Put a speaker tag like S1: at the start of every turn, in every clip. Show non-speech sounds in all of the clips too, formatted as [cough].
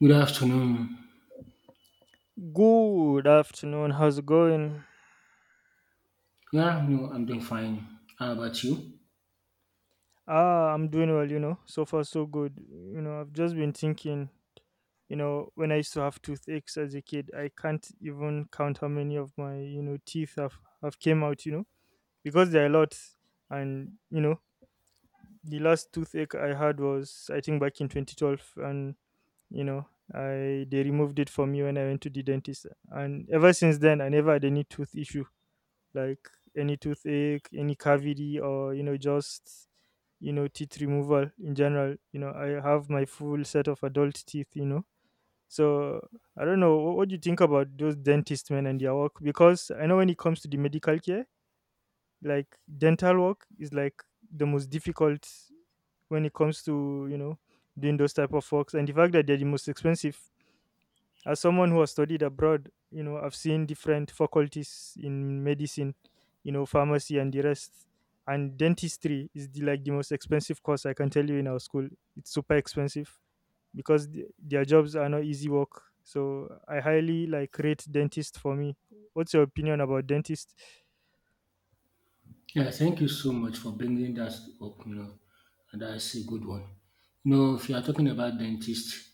S1: Good afternoon.
S2: Good afternoon. How's it going?
S1: Yeah, no, I'm doing fine. How about you?
S2: I'm doing well, So far, so good. I've just been thinking, when I used to have toothaches as a kid, I can't even count how many of my, teeth have came out, because there are a lot. And the last toothache I had was, I think, back in 2012. And, you know, I they removed it from me when I went to the dentist. And ever since then, I never had any tooth issue like any toothache, any cavity, or just teeth removal in general. I have my full set of adult teeth. So I don't know what do you think about those dentist men and their work because I know when it comes to the medical care, like dental work is like the most difficult when it comes to doing those type of works, and the fact that they're the most expensive. As someone who has studied abroad, I've seen different faculties in medicine, pharmacy and the rest. And dentistry is like the most expensive course I can tell you in our school. It's super expensive because their jobs are not easy work. So I highly like rate dentist for me. What's your opinion about dentist?
S1: Yeah, thank you so much for bringing that up. You know, and that's a good one. You know, if you are talking about dentist,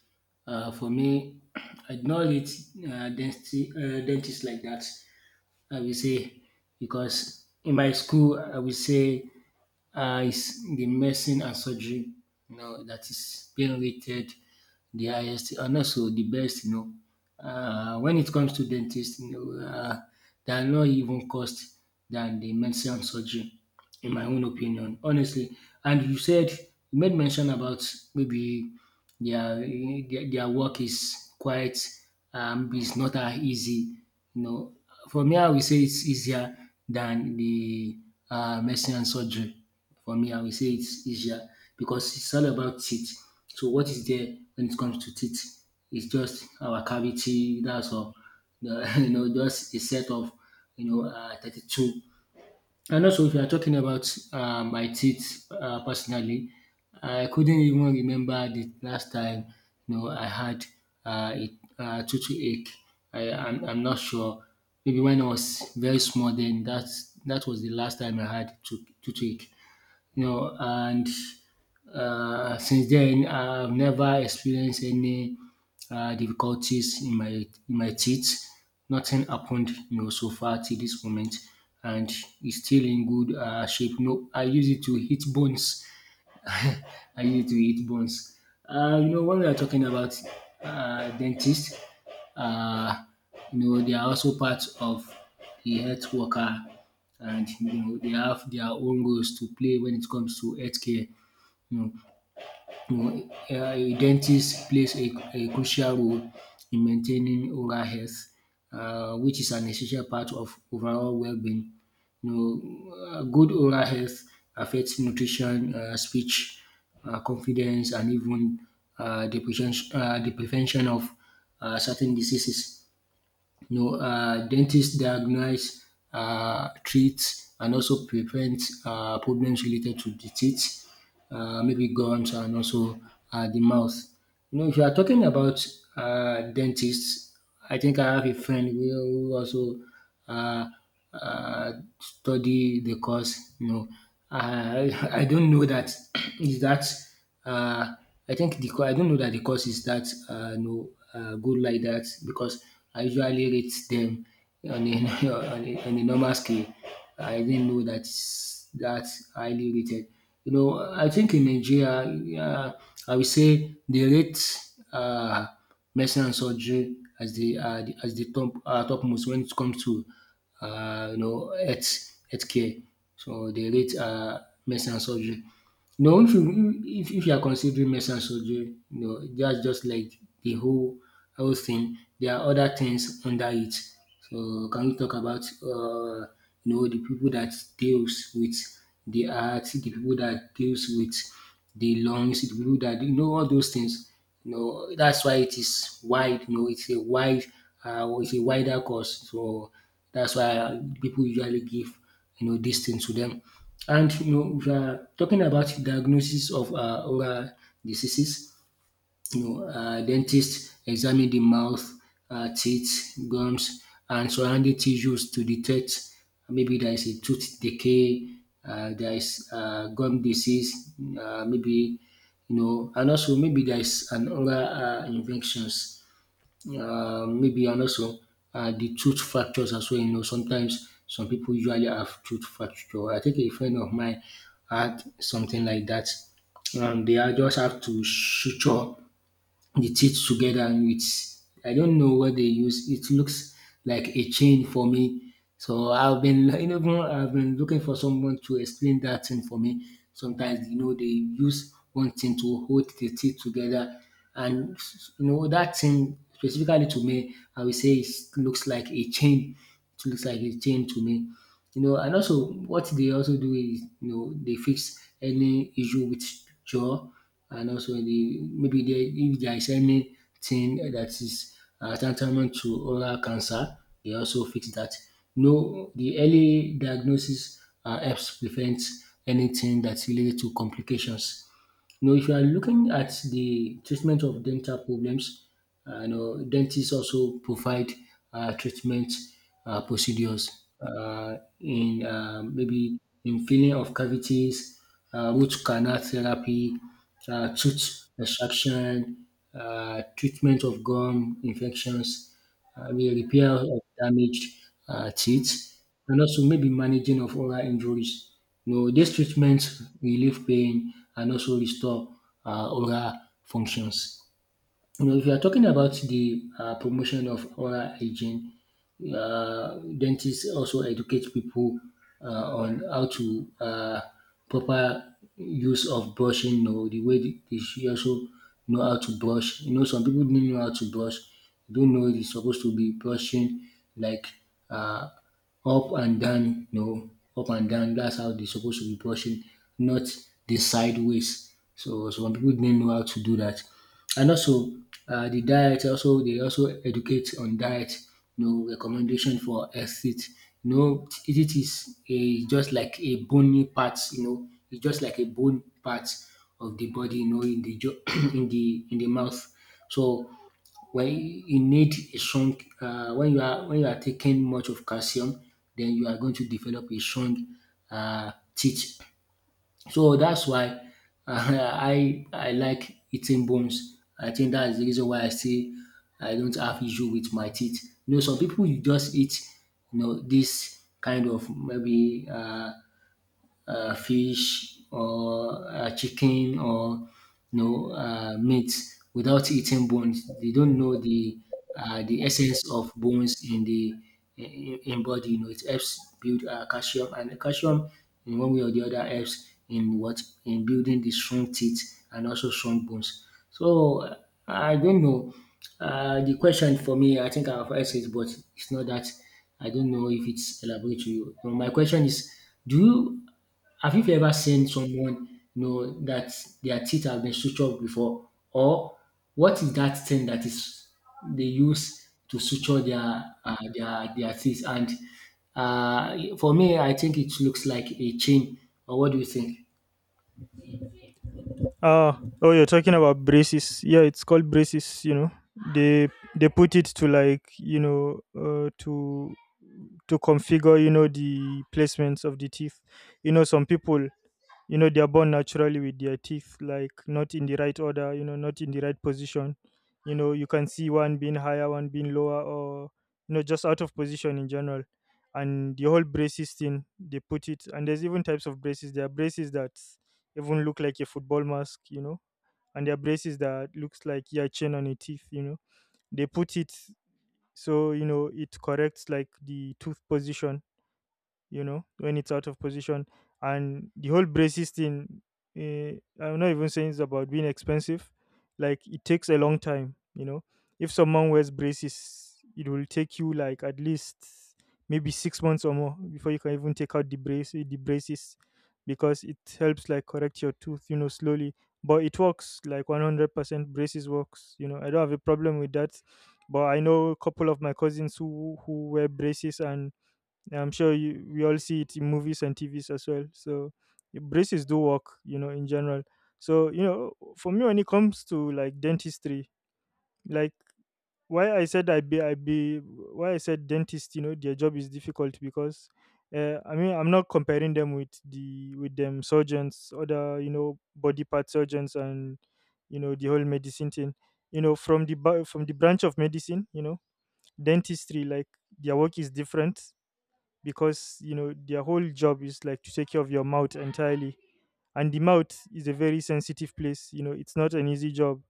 S1: for me, [clears throat] I do not read dentist like that. I will say, because in my school, I will say is the medicine and surgery, you know, that is being rated the highest and also the best, you know. When it comes to dentists, you know, they are not even cost than the medicine and surgery, in my own opinion, honestly. And you said, you made mention about maybe their their work is quite is not that easy. You know, for me, I will say it's easier than the medicine and surgery. For me, I will say it's easier because it's all about teeth. So what is there when it comes to teeth? It's just our cavity. That's all. [laughs] You know, just a set of 32. And also, if you are talking about my teeth personally, I couldn't even remember the last time you know I had a tooth ache. I'm not sure. Maybe when I was very small, then that was the last time I had tooth ache, you know. And since then, I've never experienced any difficulties in my teeth. Nothing happened, you know, so far till this moment, and it's still in good shape. No, I use it to hit bones, I used to eat bones. You know, when we are talking about dentists, uh, you know, they are also part of the health worker, and you know, they have their own roles to play when it comes to healthcare. You know, you a dentist plays a crucial role in maintaining oral health, which is an essential part of overall well-being. You know, good oral health affects nutrition, speech, confidence, and even the prevention of certain diseases. You know, dentists diagnose, treat, and also prevent problems related to the teeth, maybe gums, and also the mouth. You know, if you are talking about dentists, I think I have a friend who also uh, uh, study the course. You know, I [laughs] I don't know that [clears throat] is that uh, I think the cour I don't know that the course is that, no, good like that, because I usually rate them on a [laughs] on a normal scale. I didn't know that's that highly rated. You know, I think in Nigeria, uh, I would say they rate uh, medicine and surgery as the as the top topmost when it comes to you know, healthcare. So they rate medicine and surgery. No, if you are considering medicine and surgery, no, that's just like the whole thing. There are other things under it. So can we talk about you know, the people that deals with the heart, the people that deals with the lungs, the people that, you know, all those things. You know, that's why it is wide. You know, it's a wide, it's a wider course. So that's why people usually give, you know, these things to them. And you know, we are talking about diagnosis of oral diseases, you know, dentists examine the mouth, teeth, gums, and surrounding tissues to detect maybe there is a tooth decay, there is gum disease, maybe, you know, and also maybe there is an oral infections, maybe and also the tooth fractures as well. You know, sometimes some people usually have tooth fracture. I think a friend of mine had something like that. They are just have to suture the teeth together with, I don't know what they use. It looks like a chain for me. So I've been [laughs] you know, even I've been looking for someone to explain that thing for me. Sometimes you know, they use one thing to hold the teeth together, and you know, that thing specifically to me, I will say it looks like a chain. It looks like a chain to me. You know, and also what they also do is, you know, they fix any issue with jaw, and also the maybe there, if there is anything that is tantamount to oral cancer, they also fix that. No, the early diagnosis helps prevent anything that's related to complications. You know, if you are looking at the treatment of dental problems, you know, dentists also provide treatment procedures in maybe in filling of cavities, root canal therapy, tooth extraction, treatment of gum infections, the repair of damaged teeth, and also maybe managing of oral injuries. You know, these treatments relieve pain and also restore oral functions. You know, if you are talking about the promotion of oral hygiene, dentists also educate people on how to proper use of brushing. You know, the way they should also know how to brush. You know, some people don't know how to brush. They don't know they're supposed to be brushing like uh, up and down, no, up and down. That's how they're supposed to be brushing, not the sideways. So some people didn't know how to do that. And also the diet, also they also educate on diet. No recommendation for exit. No, know, it is a just like a bony part, you know, it's just like a bone part of the body, you know, in the jaw, [clears throat] in the mouth. So when you need a strong when you are taking much of calcium, then you are going to develop a strong teeth. So that's why [laughs] I like eating bones. I think that is the reason why I don't have issue with my teeth. You know, some people you just eat, you know, this kind of maybe fish or chicken or, you know, meat without eating bones. They don't know the essence of bones in the in body. You know, it helps build calcium, and calcium in one way or the other helps in what in building the strong teeth and also strong bones. So I don't know. The question for me, I think I've answered it, but it's not that, I don't know if it's elaborate to you. So my question is, do you have you ever seen someone, you know, that their teeth have been sutured before, or what is that thing that is they use to suture their their teeth? And for me, I think it looks like a chain. Or what do you think?
S2: Oh, you're talking about braces. Yeah, it's called braces. They they put it to like to configure the placements of the teeth. Some people they're born naturally with their teeth, like not in the right order, not in the right position. You can see one being higher, one being lower, or just out of position in general. And the whole braces thing they put it, and there's even types of braces. There are braces that even look like a football mask, and there are braces that looks like your chain on your teeth. They put it so it corrects like the tooth position, when it's out of position. And the whole braces thing, I'm not even saying it's about being expensive. Like, it takes a long time, you know. If someone wears braces, it will take you like at least maybe 6 months or more before you can even take out the braces, because it helps like correct your tooth, you know, slowly. But it works. Like 100% braces works, you know. I don't have a problem with that. But I know a couple of my cousins who wear braces, and yeah, I'm sure you we all see it in movies and TVs as well. So yeah, braces do work, you know, in general. So you know, for me, when it comes to like dentistry, like why I said I be why I said dentist, you know, their job is difficult because I mean I'm not comparing them with them surgeons, other you know body part surgeons and you know the whole medicine thing. You know, from from the branch of medicine, you know, dentistry, like their work is different because you know their whole job is like to take care of your mouth entirely, and the mouth is a very sensitive place, you know. It's not an easy job,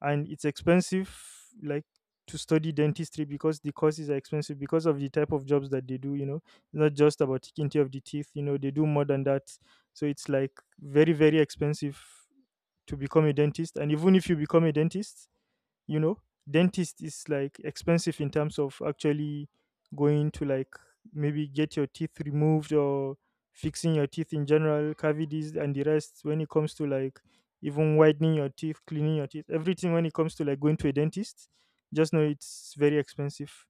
S2: and it's expensive, like to study dentistry, because the courses are expensive because of the type of jobs that they do, you know. It's not just about taking care of the teeth, you know. They do more than that. So it's like very expensive to become a dentist. And even if you become a dentist, you know, dentist is like expensive in terms of actually going to like maybe get your teeth removed or fixing your teeth in general, cavities and the rest, when it comes to like even widening your teeth, cleaning your teeth, everything. When it comes to like going to a dentist, just know it's very expensive.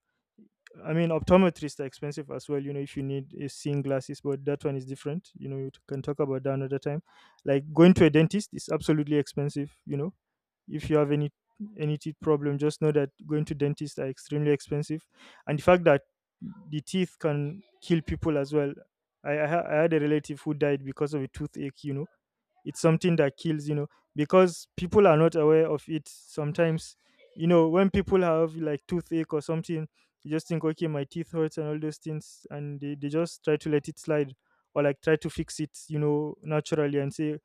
S2: I mean, optometrists are expensive as well, you know, if you need seeing glasses, but that one is different, you know. You can talk about that another time. Like, going to a dentist is absolutely expensive, you know. If you have any teeth problem, just know that going to dentists are extremely expensive. And the fact that the teeth can kill people as well. I had a relative who died because of a toothache, you know. It's something that kills, you know, because people are not aware of it sometimes. You know, when people have like toothache or something, you just think okay my teeth hurts and all those things, and they just try to let it slide, or like try to fix it, you know, naturally, and say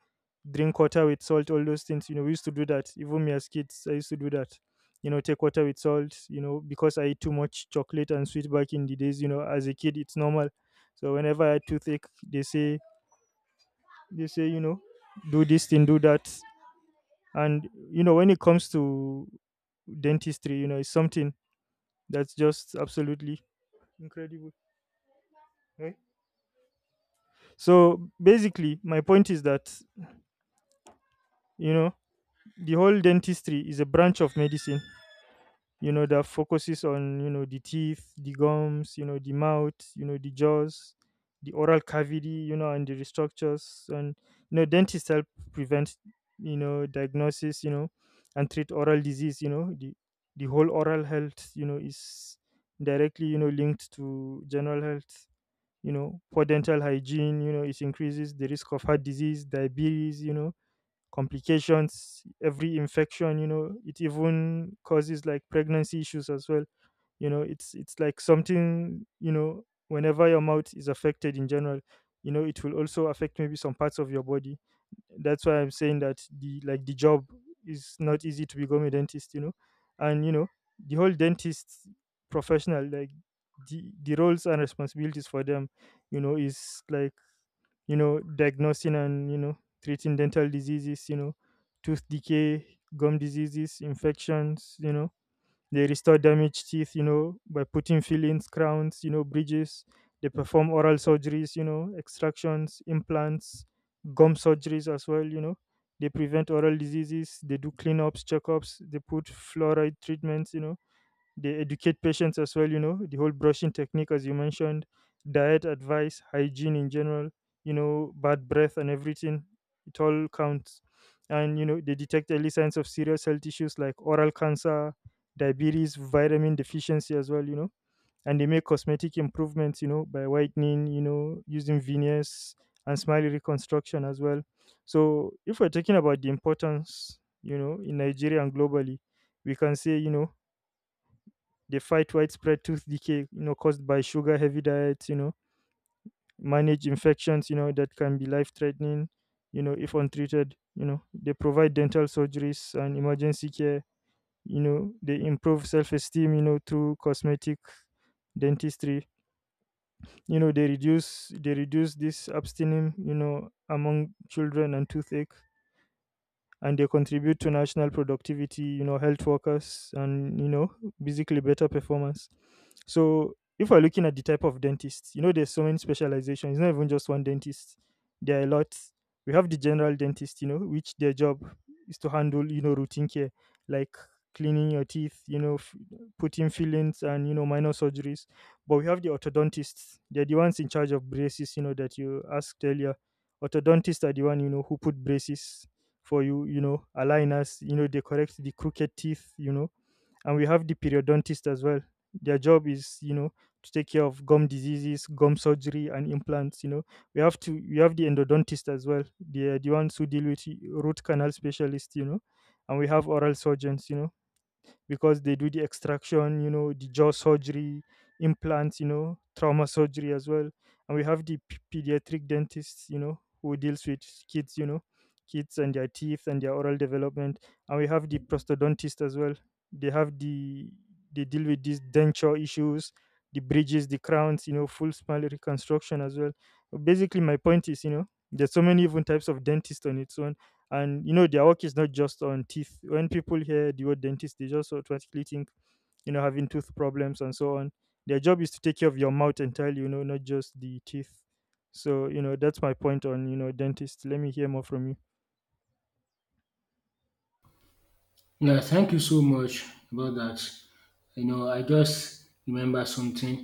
S2: drink water with salt, all those things. You know, we used to do that. Even me as kids, I used to do that, you know, take water with salt, you know, because I eat too much chocolate and sweet back in the days, you know, as a kid it's normal. So whenever I had toothache, they say, you know, do this thing, do that. And, you know, when it comes to dentistry, you know, it's something that's just absolutely incredible. Right? So basically, my point is that, you know, the whole dentistry is a branch of medicine, you know, that focuses on you know the teeth, the gums, you know, the mouth, you know, the jaws, the oral cavity, you know, and the restructures. And you know, dentists help prevent, you know, diagnosis, you know, and treat oral disease. You know, the whole oral health, you know, is directly you know linked to general health. You know, poor dental hygiene, you know, it increases the risk of heart disease, diabetes, you know, complications, every infection, you know, it even causes like pregnancy issues as well, you know. It's like something, you know, whenever your mouth is affected in general, you know, it will also affect maybe some parts of your body. That's why I'm saying that the like the job is not easy to become a dentist, you know. And you know, the whole dentist professional, like the roles and responsibilities for them, you know, is like you know, diagnosing and, you know, treating dental diseases, you know, tooth decay, gum diseases, infections, you know. They restore damaged teeth, you know, by putting fillings, crowns, you know, bridges. They perform oral surgeries, you know, extractions, implants, gum surgeries as well, you know. They prevent oral diseases. They do cleanups, checkups. They put fluoride treatments, you know, they educate patients as well, you know, the whole brushing technique as you mentioned, diet advice, hygiene in general, you know, bad breath and everything, it all counts. And you know, they detect early signs of serious health issues like oral cancer, diabetes, vitamin deficiency as well, you know. And they make cosmetic improvements, you know, by whitening, you know, using veneers, and smile reconstruction as well. So if we're talking about the importance, you know, in Nigeria and globally, we can say, you know, they fight widespread tooth decay, you know, caused by sugar heavy diets, you know, manage infections, you know, that can be life threatening, you know, if untreated, you know. They provide dental surgeries and emergency care, you know, they improve self esteem, you know, through cosmetic dentistry, you know, they reduce this abstaining, you know, among children and toothache, and they contribute to national productivity, you know, health workers, and, you know, basically better performance. So if we're looking at the type of dentist, you know, there's so many specializations. It's not even just one dentist. There are a lot. We have the general dentist, you know, which their job is to handle, you know, routine care like cleaning your teeth, you know, putting fillings and, you know, minor surgeries. But we have the orthodontists. They're the ones in charge of braces, you know, that you asked earlier. Orthodontists are the one, you know, who put braces for you, you know, aligners, you know, they correct the crooked teeth, you know, and we have the periodontist as well. Their job is, you know, to take care of gum diseases, gum surgery, and implants. You know, we have the endodontist as well. They are the ones who deal with root canal specialists. You know, and we have oral surgeons. You know, because they do the extraction, you know, the jaw surgery, implants, you know, trauma surgery as well. And we have the pediatric dentists, you know, who deals with kids, you know, kids and their teeth and their oral development. And we have the prostodontist as well. They have the they deal with these denture issues, the bridges, the crowns, full smile reconstruction as well. Basically, my point is, there's so many even types of dentist on its own, and their work is not just on teeth. When people hear the word dentist, they just automatically think, having tooth problems and so on. Their job is to take care of your mouth entirely, not just the teeth. So that's my point on dentist. Let me hear more from you.
S1: Yeah, thank you so much about that. You know, I just remember something.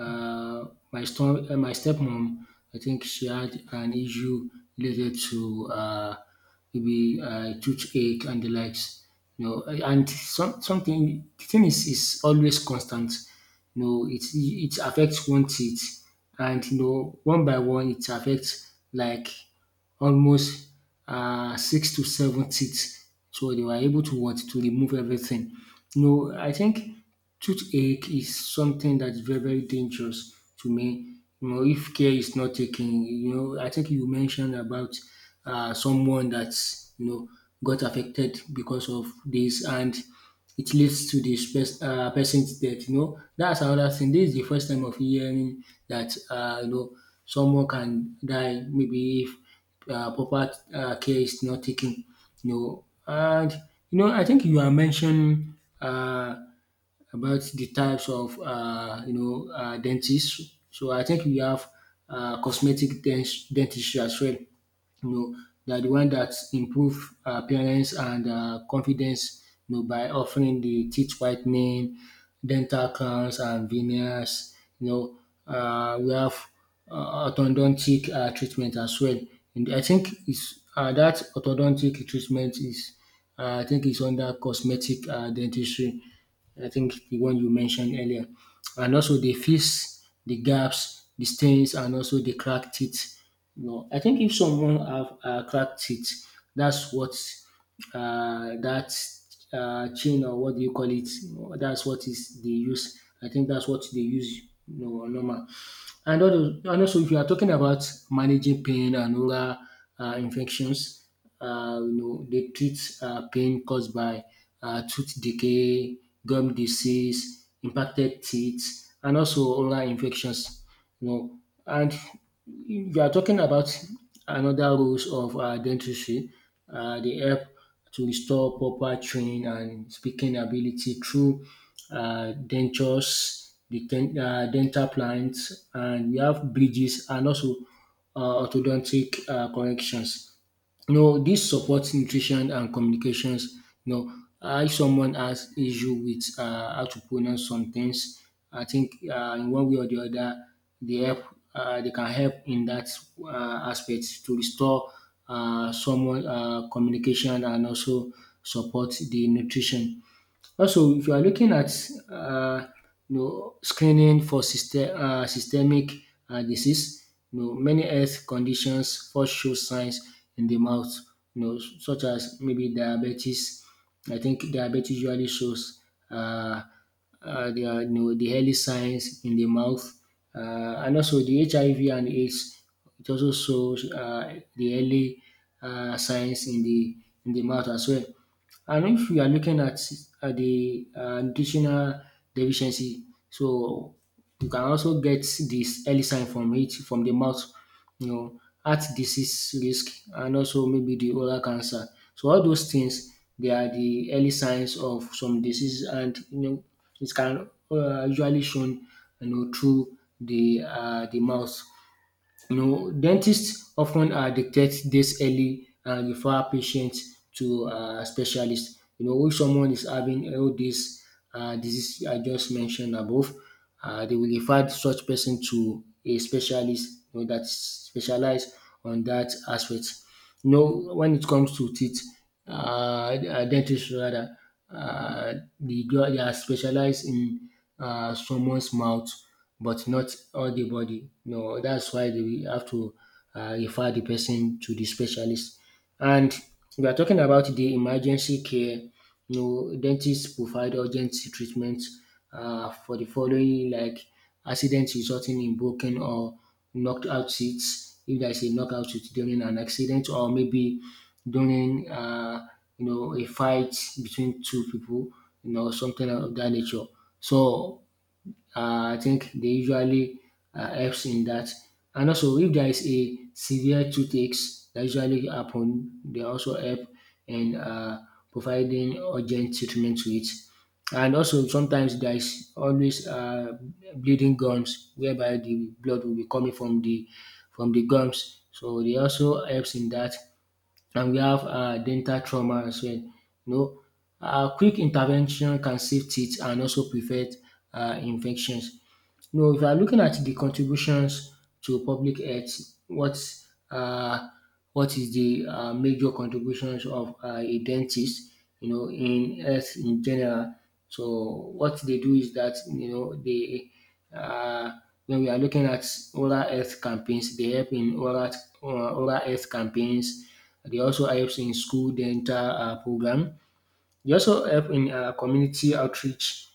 S1: Uh, my stepmom, I think she had an issue related to maybe toothache and the likes. You know, and some, something, the thing is always constant. You know, it affects one teeth, and you know, one by one, it affects like almost six to seven teeth. So they were able to what? To remove everything. No, I think toothache is something that's very, very dangerous to me. You know, if care is not taken, you know, I think you mentioned about someone that's, you know, got affected because of this, and it leads to the person's death, you know. That's another thing. This is the first time of hearing that. You know, someone can die maybe if proper care is not taken, you know. And you know, I think you are mentioning Uh about the types of dentists. So I think we have dentistry as well. You know, they are the one that improve appearance and confidence. You know, by offering the teeth whitening, dental crowns, and veneers. You know, we have orthodontic treatment as well. And I think it's that orthodontic treatment is, I think, it's under cosmetic dentistry. I think the one you mentioned earlier. And also they fix the gaps, the stains, and also the cracked teeth. You know, I think if someone have cracked teeth, that's what that chain or what do you call it? You know, that's what is they use. I think that's what they use. You know, normal. And all and also if you are talking about managing pain and oral infections, you know they treat pain caused by tooth decay, gum disease, impacted teeth, and also oral infections, you know. And if you are talking about another roles of dentistry, dey help to restore proper chewing and speaking ability through dentures, dental plants, and we have bridges, and also orthodontic corrections. You know, this supports nutrition and communications. You know, I someone has issue with how to pronounce some things. I think in one way or the other, they help. They can help in that aspect to restore someone communication and also support the nutrition. Also, if you are looking at um you know screening for systemic disease, you know many health conditions first show signs in the mouth, you know, such as maybe diabetes. I think diabetes usually shows uh, their you know the early signs in the mouth, and also the HIV and AIDS, it also shows the early signs in the mouth as well. And if you are looking at at the nutritional deficiency, so you can also get this early sign from it from the mouth, you know, heart disease risk, and also maybe the oral cancer. So all those things they are the early signs of some disease, and you know it can usually shown you know through the mouth. You know, dentists often detect this early and refer patients to specialists. You know, if someone is having all this disease I just mentioned above, they will refer such person to a specialist, you know, that specialize on that aspect. You know, when it comes to teeth, dentists rather, uh, they, do, they are specialized in someone's mouth, but not all the body. No, that's why they have to refer the person to the specialist. And we are talking about the emergency care. You know, dentists provide urgent treatment for the following, like accidents resulting in broken or knockout seats. If there is a knockout seat, during an accident, or maybe during you know a fight between two people, you know, something of that nature. So I think they usually helps in that. And also, if there is a severe toothaches that usually happen, they also help in providing urgent treatment to it. And also, sometimes there is always bleeding gums, whereby the blood will be coming from the gums. So they also helps in that. And we have dental trauma as well. You know, quick intervention can save teeth and also prevent infections. No, if you are looking at the contributions to public health, what uh what is the major contributions of a dentist, you know, in health in general? So what they do is that, you know, they uh, when we are looking at oral health campaigns, they help in oral health campaigns. They also help in school dental program. They also help in community outreach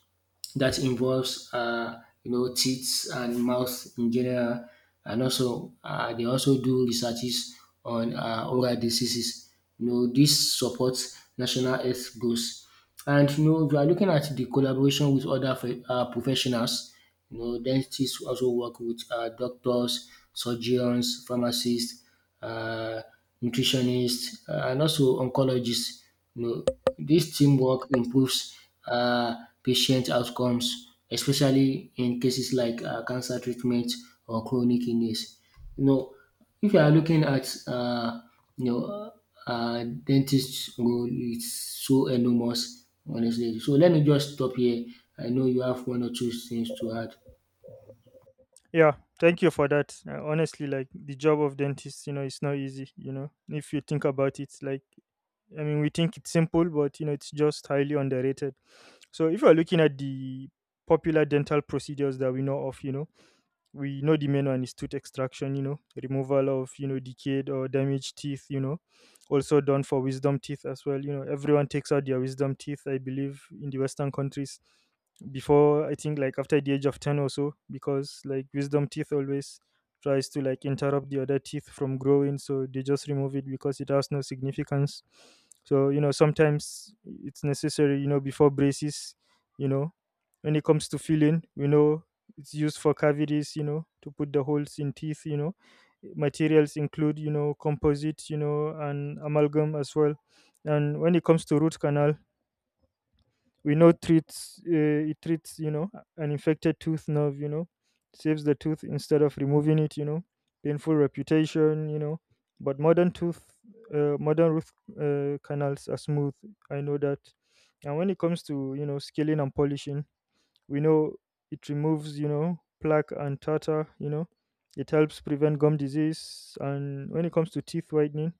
S1: that involves you know teeth and mouth in general, and also they also do researches on oral diseases. You know, this supports national health goals. And you know, if you are looking at the collaboration with other professionals, you know, dentists also work with doctors, surgeons, pharmacists, uh, nutritionists, and also oncologists. You know, this teamwork improves uh, patient outcomes, especially in cases like cancer treatment or chronic illness. You know, if you are looking at you know dentist role, it's so enormous, honestly. So let me just stop here. I know you have one or two things to add.
S2: Yeah, thank you for that. Honestly, like the job of dentist, it's not easy. If you think about it, like I mean, we think it's simple, but it's just highly underrated. So if you're looking at the popular dental procedures that we know of, we know the main one is tooth extraction. Removal of decayed or damaged teeth. Also done for wisdom teeth as well. Everyone takes out their wisdom teeth, I believe, in the western countries before. I think like after the age of 10 or so, because like wisdom teeth always tries to like interrupt the other teeth from growing, so they just remove it because it has no significance. So sometimes it's necessary, before braces. You know when it comes to filling, we know it's used for cavities, to put the holes in teeth. Materials include, composite, and amalgam as well. And when it comes to root canal, we know treats it treats, an infected tooth nerve, saves the tooth instead of removing it. Painful reputation. But modern root canals are smooth. I know that. And when it comes to scaling and polishing, we know it removes plaque and tartar. It helps prevent gum disease. And when it comes to teeth whitening,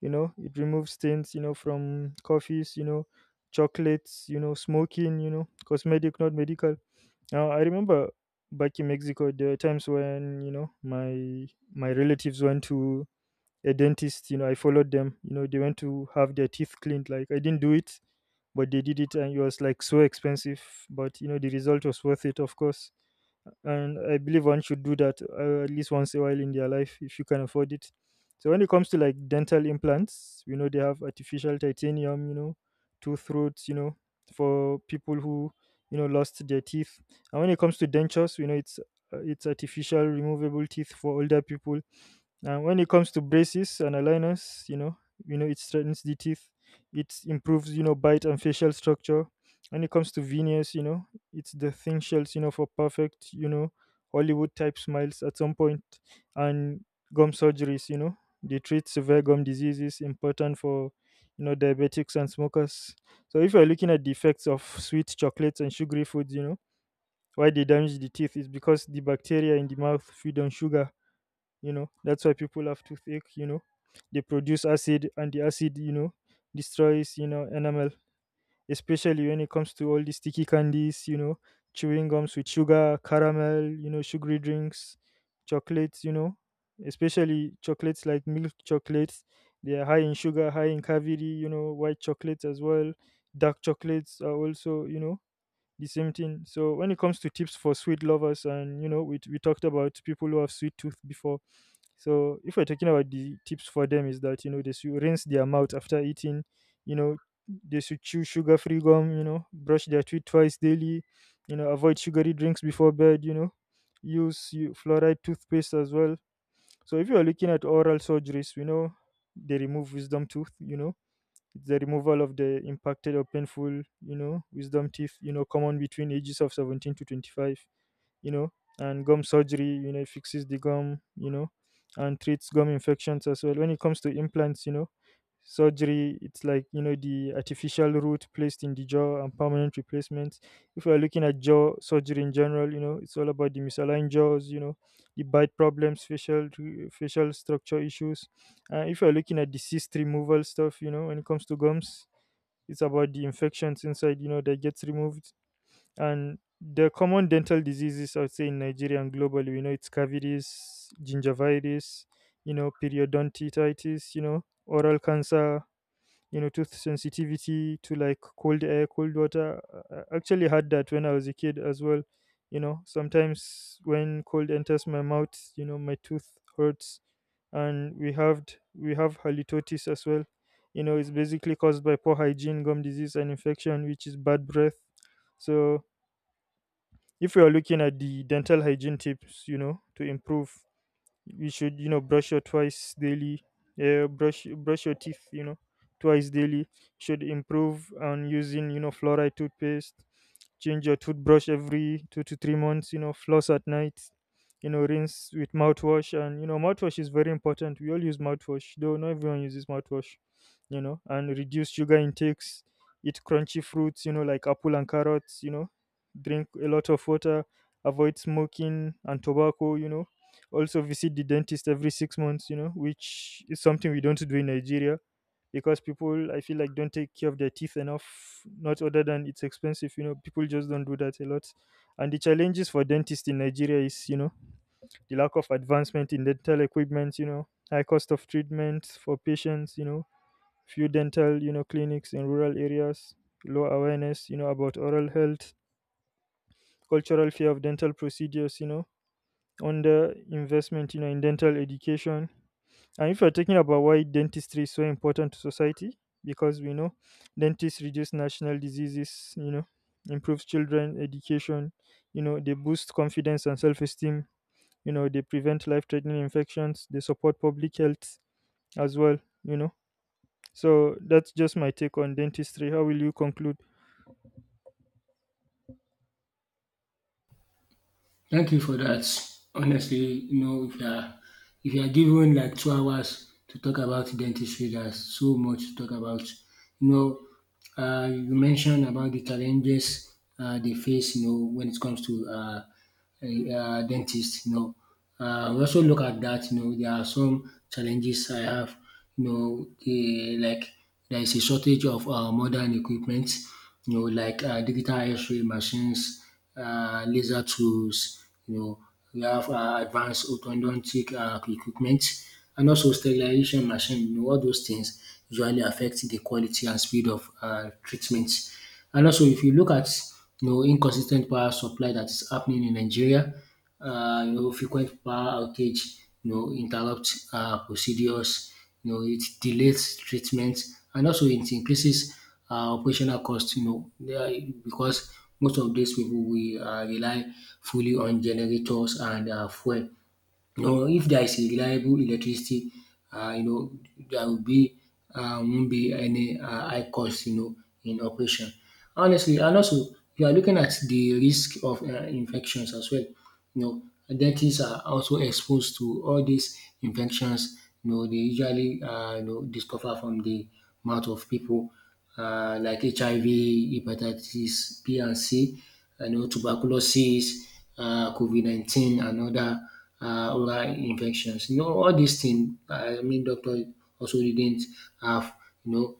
S2: it removes stains, from coffees, chocolates, smoking. Cosmetic, not medical. Now I remember back in Mexico there were times when, my relatives went to a dentist. I followed them. They went to have their teeth cleaned. Like, I didn't do it, but they did it and it was like so expensive. But the result was worth it, of course. And I believe one should do that, at least once a while in their life, if you can afford it. So when it comes to like dental implants, they have artificial titanium, tooth roots, for people who, lost their teeth. And when it comes to dentures, it's artificial removable teeth for older people. And when it comes to braces and aligners, it strengthens the teeth. It improves, bite and facial structure. When it comes to veneers, it's the thin shells, for perfect, Hollywood type smiles at some point. And gum surgeries, they treat severe gum diseases, important for, diabetics and smokers. So if you're looking at the effects of sweet chocolates and sugary foods, why they damage the teeth is because the bacteria in the mouth feed on sugar. That's why people have toothache. They produce acid, and the acid, destroys, enamel, especially when it comes to all the sticky candies, chewing gums with sugar, caramel, sugary drinks, chocolates, especially chocolates like milk chocolates. They are high in sugar, high in cavity. White chocolates as well. Dark chocolates are also, the same thing. So when it comes to tips for sweet lovers, and we talked about people who have sweet tooth before. So if we're talking about the tips for them is that, they should rinse their mouth after eating, you know they should chew sugar-free gum, brush their teeth twice daily, avoid sugary drinks before bed, use you- fluoride toothpaste as well. So if you are looking at oral surgeries, we know they remove wisdom tooth, it's the removal of the impacted or painful, wisdom teeth, common between ages of 17 to 25 you know, and gum surgery, it fixes the gum, and treats gum infections as well. When it comes to implants, surgery, it's like, the artificial root placed in the jaw and permanent replacements. If we're looking at jaw surgery in general, it's all about the misaligned jaws, the bite problems, facial structure issues. If you're looking at the cyst removal stuff, when it comes to gums, it's about the infections inside, that gets removed. And the common dental diseases, I would say, in Nigeria and globally, we know it's cavities, gingivitis, periodontitis, oral cancer, tooth sensitivity to like cold air, cold water. I actually had that when I was a kid as well. Sometimes when cold enters my mouth, my tooth hurts. And we have halitosis as well. It's basically caused by poor hygiene, gum disease, and infection, which is bad breath. So if you are looking at the dental hygiene tips, to improve, you should, brush your twice daily, brush your teeth, twice daily. Should improve on using, fluoride toothpaste, change your toothbrush every two to three months, floss at night, rinse with mouthwash. And, mouthwash is very important. We all use mouthwash, though not everyone uses mouthwash, and reduce sugar intakes, eat crunchy fruits, like apple and carrots, drink a lot of water, avoid smoking and tobacco. Also visit the dentist every six months, which is something we don't do in Nigeria because people I feel like don't take care of their teeth enough. Not other than it's expensive. People just don't do that a lot. And the challenges for dentists in Nigeria is, the lack of advancement in dental equipment, high cost of treatment for patients, few dental, clinics in rural areas, low awareness, about oral health, cultural fear of dental procedures, under investment, in dental education. And if you're talking about why dentistry is so important to society, because we know dentists reduce national diseases, improves children education, they boost confidence and self esteem, they prevent life threatening infections, they support public health as well, you know. So that's just my take on dentistry. How will you conclude?
S1: Thank you for that. Honestly, you know, if you are given like 2 hours to talk about dentistry, there's so much to talk about. You know, you mentioned about the challenges they face. You know, when it comes to dentist. You know, we also look at that. You know, there are some challenges I have. You know, the, like there is a shortage of modern equipment. You know, like digital X-ray machines, laser tools, you know, we have advanced orthodontic equipment, and also sterilization machine. You know, all those things usually affect the quality and speed of treatment. And also, if you look at you know inconsistent power supply that is happening in Nigeria, you know, frequent power outage, you know, interrupt procedures, you know, it delays treatment, and also it increases operational costs, you know, because most of these people we rely fully on generators and fuel. You know, if there is a reliable electricity, you know, there will be won't be any high cost, you know, in operation. Honestly, and also you are looking at the risk of infections as well. You know, dentists are also exposed to all these infections. You know, they usually you know discover from the mouth of people like HIV, hepatitis B and C, you know, tuberculosis, COVID-19, and other oral infections. You know, all these things, I mean, doctor also didn't have, you know,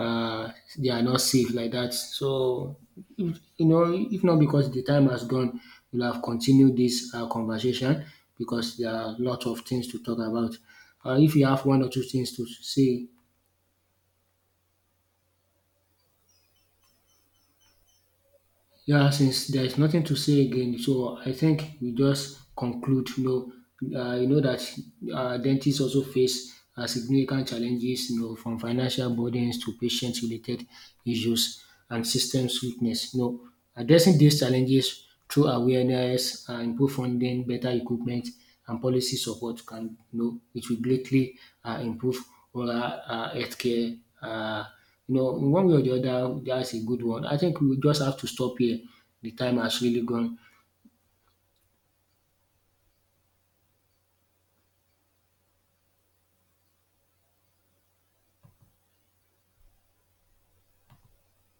S1: uh, they are not safe like that. So, if, you know, if not because the time has gone, we'll have continued this conversation because there are a lot of things to talk about. If you have one or two things to say, yeah, since there is nothing to say again, so I think we just conclude. You know that dentists also face significant challenges. You know, from financial burdens to patient-related issues and systems weakness. You know, addressing these challenges through awareness, improved funding, better equipment, and policy support can, you know, it will greatly improve oral healthcare, you know, in one way or the other, that's a good one. I think we just have to stop here. The time has really gone.